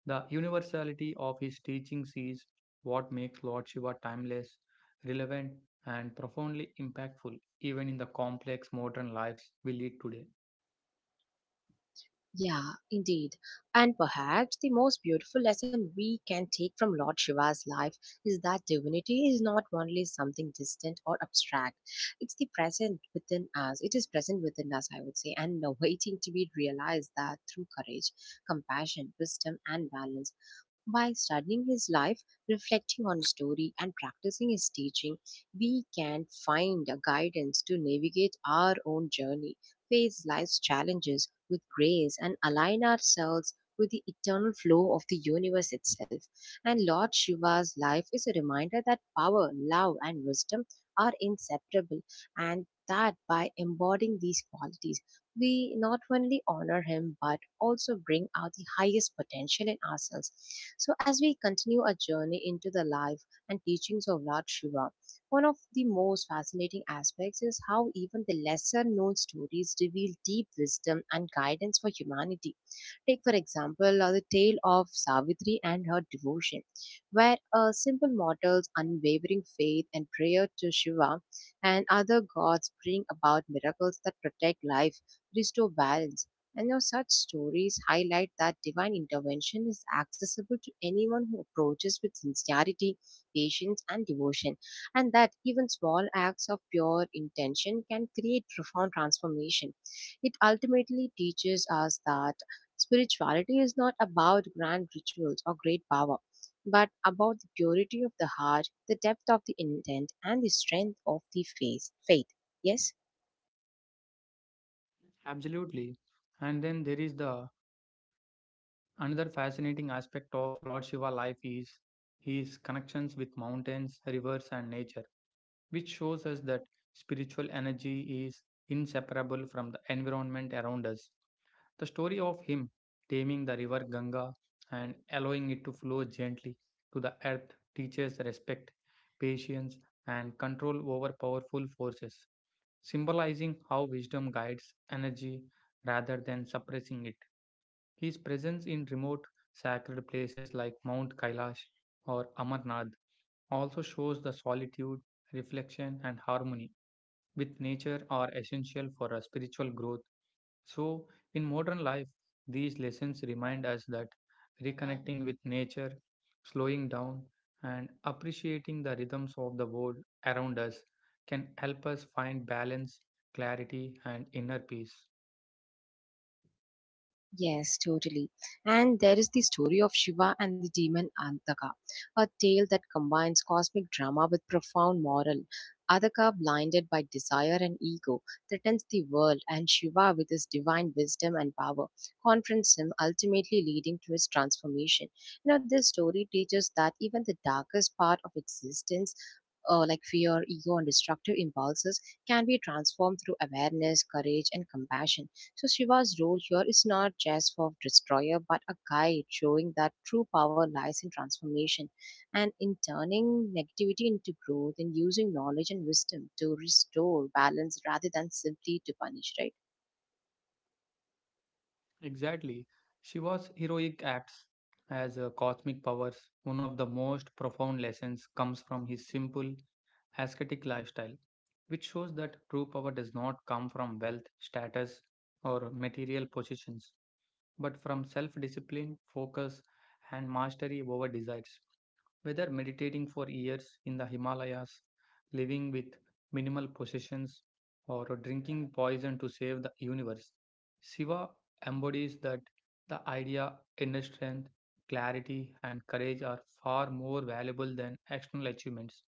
The universality of his teachings is what makes Lord Shiva timeless, relevant, and profoundly impactful, even in the complex modern lives we lead today. Yeah, indeed. And perhaps the most beautiful lesson we can take from Lord Shiva's life is that divinity is not only something distant or abstract. It's the present within us. It is present within us, I would say, and waiting to be realized that through courage, compassion, wisdom, and balance. By studying his life, reflecting on his story, and practicing his teaching, we can find a guidance to navigate our own journey, face life's challenges with grace, and align ourselves with the eternal flow of the universe itself. And Lord Shiva's life is a reminder that power, love, and wisdom are inseparable, and that by embodying these qualities, we not only honor him but also bring out the highest potential in ourselves. So, as we continue our journey into the life and teachings of Lord Shiva, one of the most fascinating aspects is how even the lesser known stories reveal deep wisdom and guidance for humanity. Take, for example, the tale of Savitri and her devotion, where a simple mortal's unwavering faith and prayer to Shiva and other gods bring about miracles that protect life, restore balance. And now such stories highlight that divine intervention is accessible to anyone who approaches with sincerity, patience, and devotion, and that even small acts of pure intention can create profound transformation. It ultimately teaches us that spirituality is not about grand rituals or great power, but about the purity of the heart, the depth of the intent, and the strength of the faith. Yes? Absolutely. And then there is the another fascinating aspect of Lord Shiva life is his connections with mountains, rivers, and nature, which shows us that spiritual energy is inseparable from the environment around us. The story of him taming the river Ganga and allowing it to flow gently to the earth teaches respect, patience, and control over powerful forces, symbolizing how wisdom guides energy rather than suppressing it. His presence in remote sacred places like Mount Kailash or Amarnath also shows the solitude, reflection, and harmony with nature are essential for our spiritual growth. So, in modern life, these lessons remind us that reconnecting with nature, slowing down, and appreciating the rhythms of the world around us can help us find balance, clarity, and inner peace. Yes, totally. And there is the story of Shiva and the demon Antaka, a tale that combines cosmic drama with profound moral. Adaka, blinded by desire and ego, threatens the world, and Shiva, with his divine wisdom and power, confronts him, ultimately leading to his transformation. You know, this story teaches that even the darkest part of existence, like fear, ego, and destructive impulses, can be transformed through awareness, courage, and compassion. So Shiva's role here is not just for destroyer, but a guide, showing that true power lies in transformation and in turning negativity into growth and using knowledge and wisdom to restore balance rather than simply to punish, right? Exactly. She was heroic acts as a cosmic powers. One of the most profound lessons comes from his simple ascetic lifestyle, which shows that true power does not come from wealth, status, or material possessions, but from self discipline, focus, and mastery over desires. Whether meditating for years in the Himalayas, living with minimal possessions, or drinking poison to save the universe, Shiva embodies that the idea, inner strength, clarity, and courage are far more valuable than external achievements.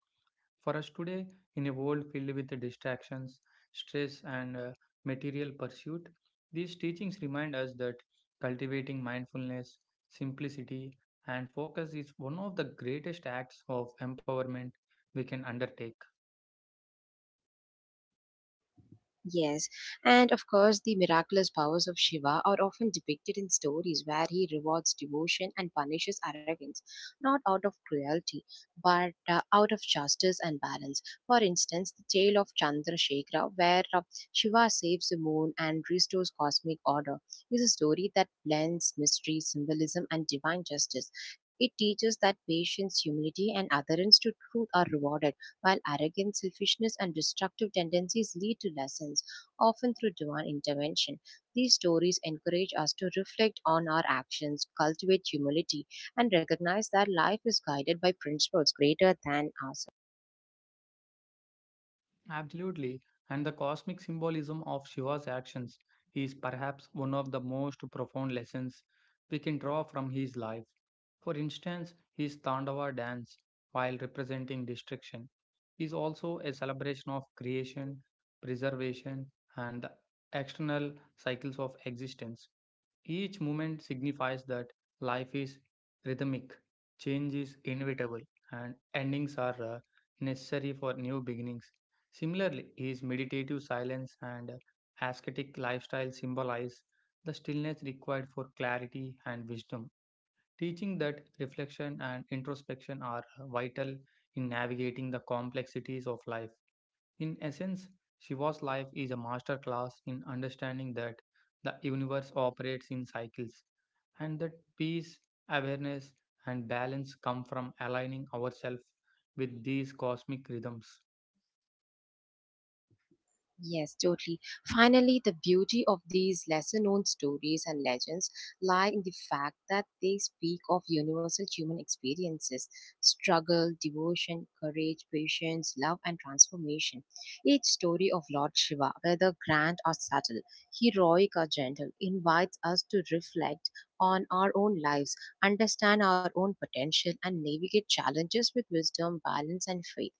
For us today, in a world filled with distractions, stress, and material pursuit, these teachings remind us that cultivating mindfulness, simplicity, and focus is one of the greatest acts of empowerment we can undertake. Yes, and of course, the miraculous powers of Shiva are often depicted in stories where he rewards devotion and punishes arrogance, not out of cruelty, but out of justice and balance. For instance, the tale of Chandrasekhara, where Shiva saves the moon and restores cosmic order, is a story that blends mystery, symbolism, and divine justice. It teaches that patience, humility, and adherence to truth are rewarded, while arrogance, selfishness, and destructive tendencies lead to lessons, often through divine intervention. These stories encourage us to reflect on our actions, cultivate humility, and recognize that life is guided by principles greater than ourselves. Absolutely, and the cosmic symbolism of Shiva's actions is perhaps one of the most profound lessons we can draw from his life. For instance, his Tandava dance, while representing destruction, is also a celebration of creation, preservation, and the external cycles of existence. Each moment signifies that life is rhythmic, change is inevitable, and endings are necessary for new beginnings. Similarly, his meditative silence and ascetic lifestyle symbolize the stillness required for clarity and wisdom, teaching that reflection and introspection are vital in navigating the complexities of life. In essence, Shiva's life is a masterclass in understanding that the universe operates in cycles and that peace, awareness, and balance come from aligning ourselves with these cosmic rhythms. Yes, totally. Finally, the beauty of these lesser known stories and legends lie in the fact that they speak of universal human experiences: struggle, devotion, courage, patience, love, and transformation. Each story of Lord Shiva, whether grand or subtle, heroic or gentle, invites us to reflect on our own lives, understand our own potential, and navigate challenges with wisdom, balance, and faith.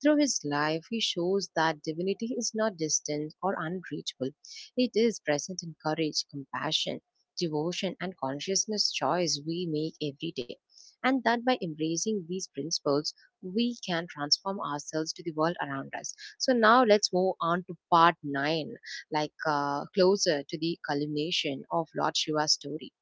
Through his life, he shows that divinity is not distant or unreachable. It is present in courage, compassion, devotion, and consciousness choice we make every day. And that by embracing these principles, we can transform ourselves to the world around us. So now let's move on to part 9, like closer to the culmination of Lord Shiva's story,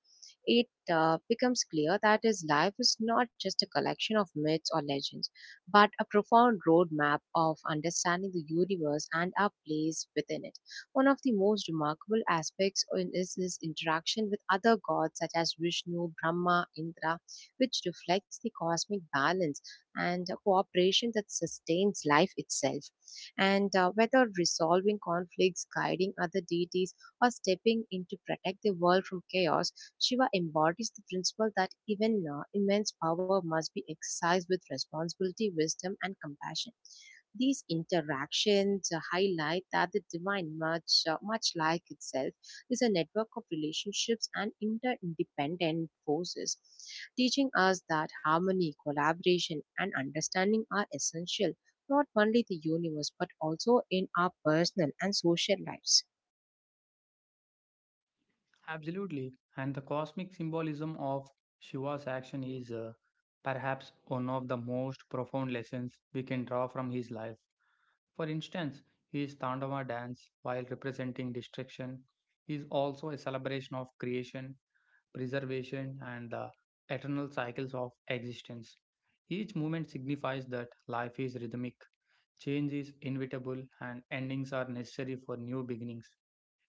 it becomes clear that his life is not just a collection of myths or legends, but a profound roadmap of understanding the universe and our place within it. One of the most remarkable aspects is his interaction with other gods such as Vishnu, Brahma, Indra, which reflects the cosmic balance and a cooperation that sustains life itself. And Whether resolving conflicts, guiding other deities, or stepping in to protect the world from chaos, Shiva embodies the principle that even immense power must be exercised with responsibility, wisdom, and compassion. These interactions highlight that the divine, much like itself, is a network of relationships and interdependent forces, teaching us that harmony, collaboration, and understanding are essential not only the universe but also in our personal and social lives. Absolutely. And the cosmic symbolism of Shiva's action is perhaps one of the most profound lessons we can draw from his life. For instance, his Tandava dance, while representing destruction, is also a celebration of creation preservation, and the eternal cycles of existence. Each movement signifies that life is rhythmic, change is inevitable, and endings are necessary for new beginnings.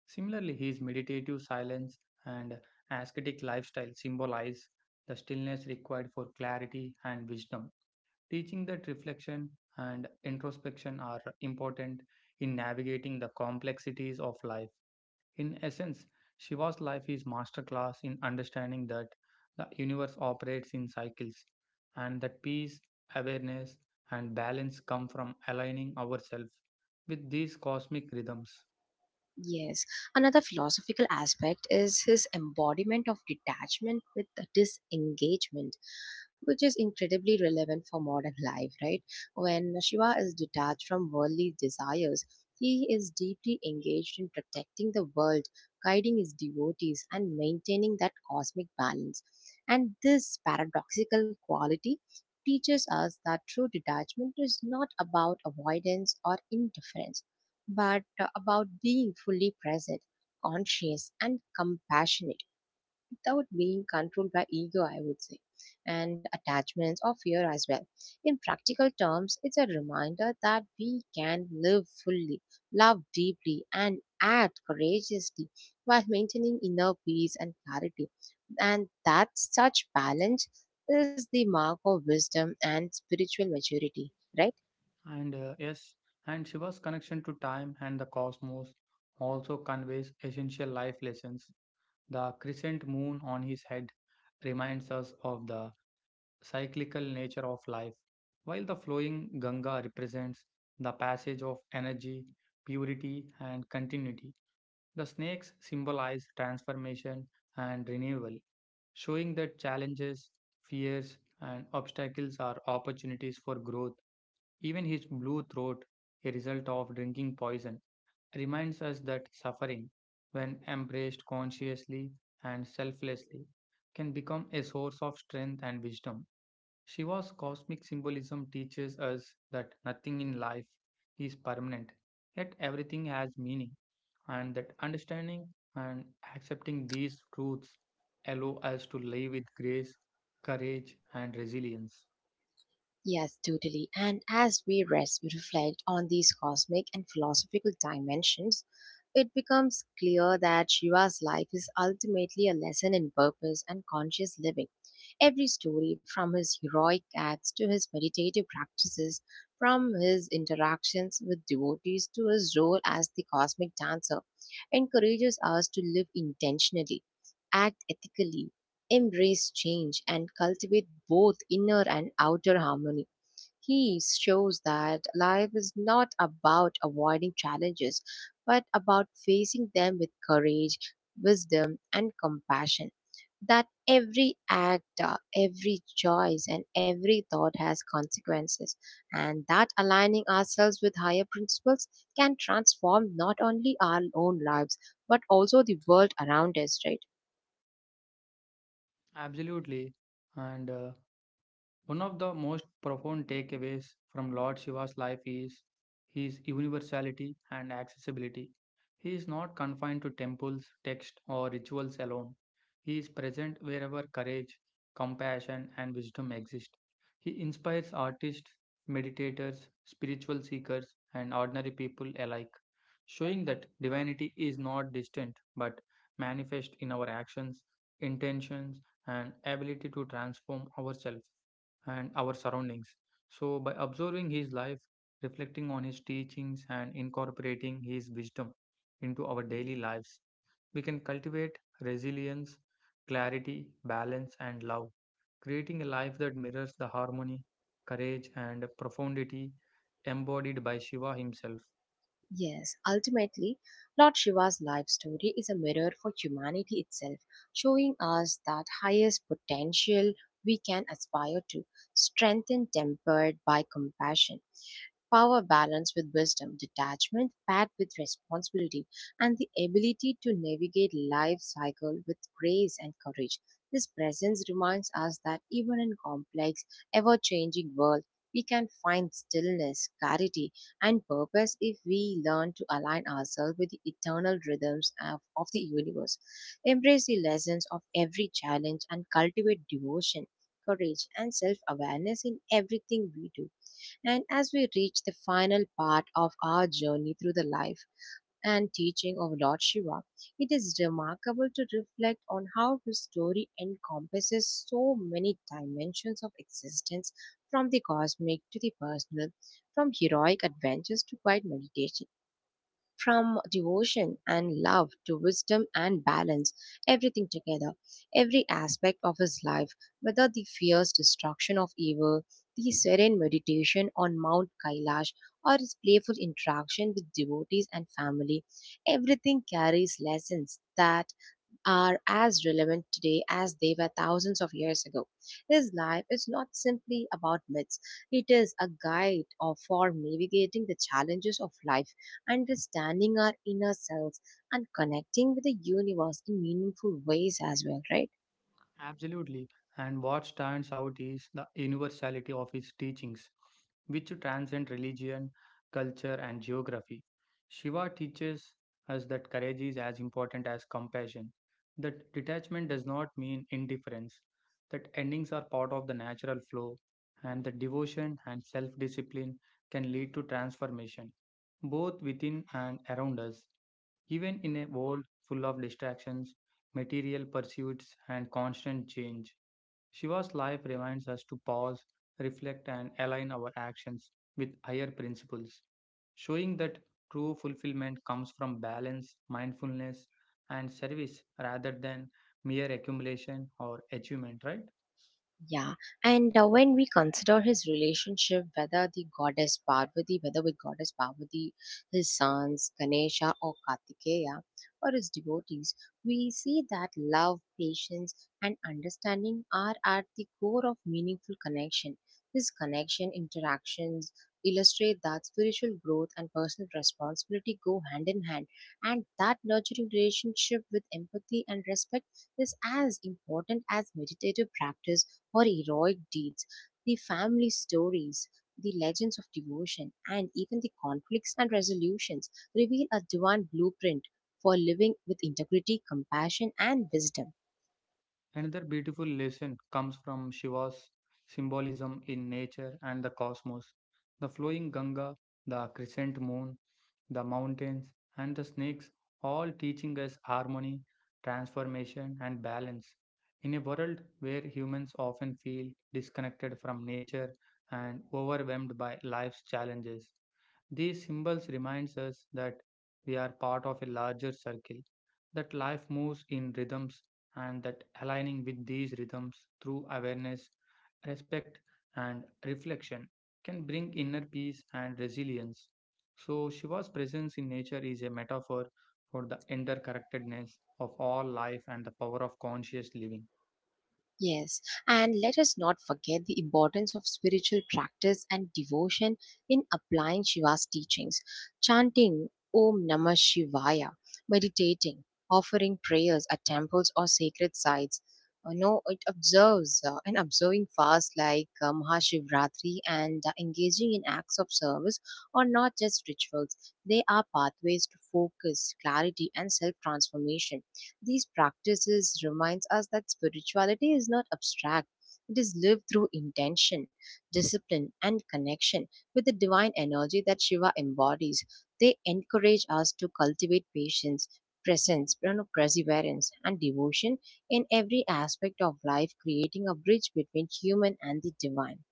Similarly, his meditative silence and ascetic lifestyle symbolize the stillness required for clarity and wisdom, teaching that reflection and introspection are important in navigating the complexities of life. In essence, Shiva's life is masterclass in understanding that the universe operates in cycles and that peace, awareness, and balance come from aligning ourselves with these cosmic rhythms. Yes, another philosophical aspect is his embodiment of detachment with disengagement, which is incredibly relevant for modern life, right? When Shiva is detached from worldly desires, he is deeply engaged in protecting the world, guiding his devotees, and maintaining that cosmic balance. And this paradoxical quality teaches us that true detachment is not about avoidance or indifference, but about being fully present, conscious, and compassionate without being controlled by ego, I would say, and attachments or fear as well. In practical terms, it's a reminder that we can live fully, love deeply, and act courageously while maintaining inner peace and clarity. And that such balance is the mark of wisdom and spiritual maturity, right? And Yes, and Shiva's connection to time and the cosmos also conveys essential life lessons. The crescent moon on his head reminds us of the cyclical nature of life, while the flowing Ganga represents the passage of energy, purity, and continuity. The snakes symbolize transformation and renewal, showing that challenges, fears, and obstacles are opportunities for growth. Even his blue throat, a result of drinking poison, reminds us that suffering, when embraced consciously and selflessly, can become a source of strength and wisdom. Shiva's cosmic symbolism teaches us that nothing in life is permanent, yet everything has meaning, and that understanding and accepting these truths allow us to live with grace, courage, and resilience. Yes, totally. And as we rest, we reflect on these cosmic and philosophical dimensions, it becomes clear that Shiva's life is ultimately a lesson in purpose and conscious living. Every story, from his heroic acts to his meditative practices, from his interactions with devotees to his role as the cosmic dancer, encourages us to live intentionally, act ethically, embrace change, and cultivate both inner and outer harmony. He shows that life is not about avoiding challenges, but about facing them with courage, wisdom, and compassion. That every act, every choice, and every thought has consequences, and that aligning ourselves with higher principles can transform not only our own lives but also the world around us, right? Absolutely, and one of the most profound takeaways from Lord Shiva's life is his universality and accessibility. He is not confined to temples, texts, or rituals alone. He is present wherever courage, compassion, and wisdom exist. He inspires artists, meditators, spiritual seekers, and ordinary people alike, showing that divinity is not distant but manifest in our actions, intentions, and ability to transform ourselves and our surroundings. So, by observing his life, reflecting on his teachings, and incorporating his wisdom into our daily lives, we can cultivate resilience, clarity, balance, and love, creating a life that mirrors the harmony, courage, and profundity embodied by Shiva himself. Yes, ultimately, Lord Shiva's life story is a mirror for humanity itself, showing us that highest potential we can aspire to, strength and tempered by compassion. Power balanced with wisdom, detachment paired with responsibility, and the ability to navigate life cycle with grace and courage. This presence reminds us that even in complex, ever-changing world, we can find stillness, clarity, and purpose if we learn to align ourselves with the eternal rhythms of the universe. Embrace the lessons of every challenge and cultivate devotion, courage, and self awareness in everything we do. And as we reach the final part of our journey through the life and teaching of Lord Shiva, it is remarkable to reflect on how his story encompasses so many dimensions of existence, from the cosmic to the personal, from heroic adventures to quiet meditation, from devotion and love to wisdom and balance, everything together, every aspect of his life, whether the fierce destruction of evil, the serene meditation on Mount Kailash, or his playful interaction with devotees and family, everything carries lessons that are as relevant today as they were thousands of years ago. His life is not simply about myths, it is a for navigating the challenges of life, understanding our inner selves, and connecting with the universe in meaningful ways as well, right? Absolutely. And what stands out is the universality of his teachings, which transcend religion, culture, and geography. Shiva teaches us that courage is as important as compassion, that detachment does not mean indifference, that endings are part of the natural flow, and that devotion and self discipline can lead to transformation, both within and around us. Even in a world full of distractions, material pursuits, and constant change. Shiva's life reminds us to pause, reflect, and align our actions with higher principles, showing that true fulfillment comes from balance, mindfulness, and service rather than mere accumulation or achievement, right? Yeah, and when we consider his relationship, whether with goddess Parvati, his sons Ganesha or Kartikeya, or his devotees, we see that love, patience, and understanding are at the core of meaningful connection. His connection interactions illustrate that spiritual growth and personal responsibility go hand in hand, and that nurturing relationship with empathy and respect is as important as meditative practice or heroic deeds. The family stories, the legends of devotion, and even the conflicts and resolutions reveal a divine blueprint for living with integrity, compassion, and wisdom. Another beautiful lesson comes from Shiva's symbolism in nature and the cosmos. The flowing Ganga, the crescent moon, the mountains, and the snakes, all teaching us harmony, transformation, and balance. In a world where humans often feel disconnected from nature and overwhelmed by life's challenges, these symbols reminds us that we are part of a larger circle, that life moves in rhythms, and that aligning with these rhythms through awareness, respect, and reflection can bring inner peace and resilience. So, Shiva's presence in nature is a metaphor for the interconnectedness of all life and the power of conscious living. Yes, and let us not forget the importance of spiritual practice and devotion in applying Shiva's teachings. Chanting Om Namah Shivaya, meditating, offering prayers at temples or sacred sites. No, it observes and observing fasts like Mahashivratri and engaging in acts of service are not just rituals. They are pathways to focus, clarity, and self transformation. These practices reminds us that spirituality is not abstract. It is lived through intention, discipline, and connection with the divine energy that Shiva embodies. They encourage us to cultivate patience, presence, perseverance, and devotion in every aspect of life, creating a bridge between human and the divine.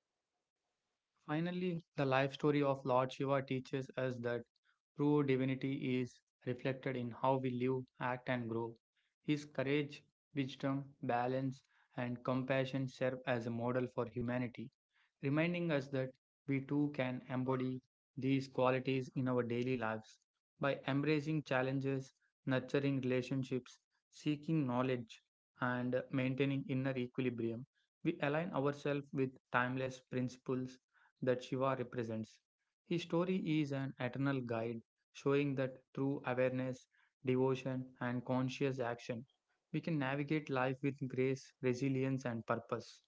Finally, the life story of Lord Shiva teaches us that true divinity is reflected in how we live, act, and grow. His courage, wisdom, balance, and compassion serve as a model for humanity, reminding us that we too can embody these qualities in our daily lives. By embracing challenges, nurturing relationships, seeking knowledge, and maintaining inner equilibrium, we align ourselves with timeless principles that Shiva represents. His story is an eternal guide showing that through awareness, devotion, and conscious action, we can navigate life with grace, resilience, and purpose.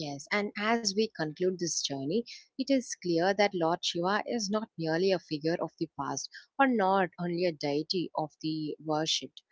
Yes, and as we conclude this journey, it is clear that Lord Shiva is not merely a figure of the past or not only a deity of the worshipped.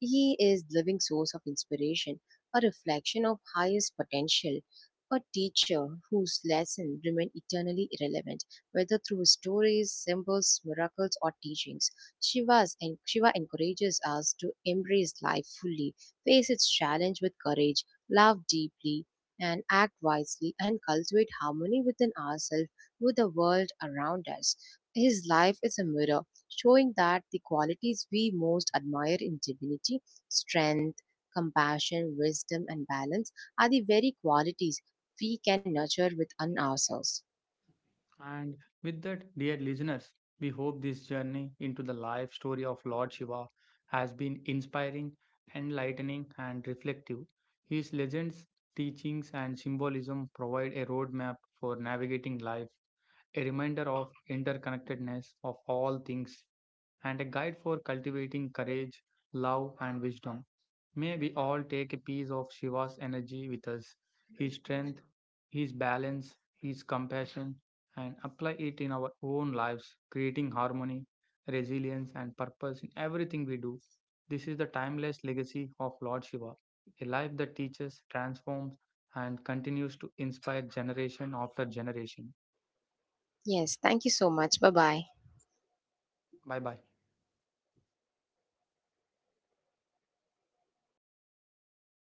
He is living source of inspiration, a reflection of highest potential, a teacher whose lessons remain eternally relevant, whether through stories, symbols, miracles, or teachings. Shiva encourages us to embrace life fully, face its challenge with courage, love deeply, and act wisely, and cultivate harmony within ourselves, with the world around us. His life is a mirror showing that the qualities we most admire in divinity, strength, compassion, wisdom, and balance, are the very qualities we can nurture within ourselves. And with that, dear listeners, we hope this journey into the life story of Lord Shiva has been inspiring, enlightening, and reflective. His legends, teachings, and symbolism provide a roadmap for navigating life, a reminder of interconnectedness of all things and a guide for cultivating courage, love, and wisdom. May we all take a piece of Shiva's energy with us, his strength, his balance, his compassion, and apply it in our own lives, creating harmony, resilience, and purpose in everything we do. This is the timeless legacy of Lord Shiva, a life that teaches, transforms, and continues to inspire generation after generation. Yes, thank you so much. Bye bye. Bye bye.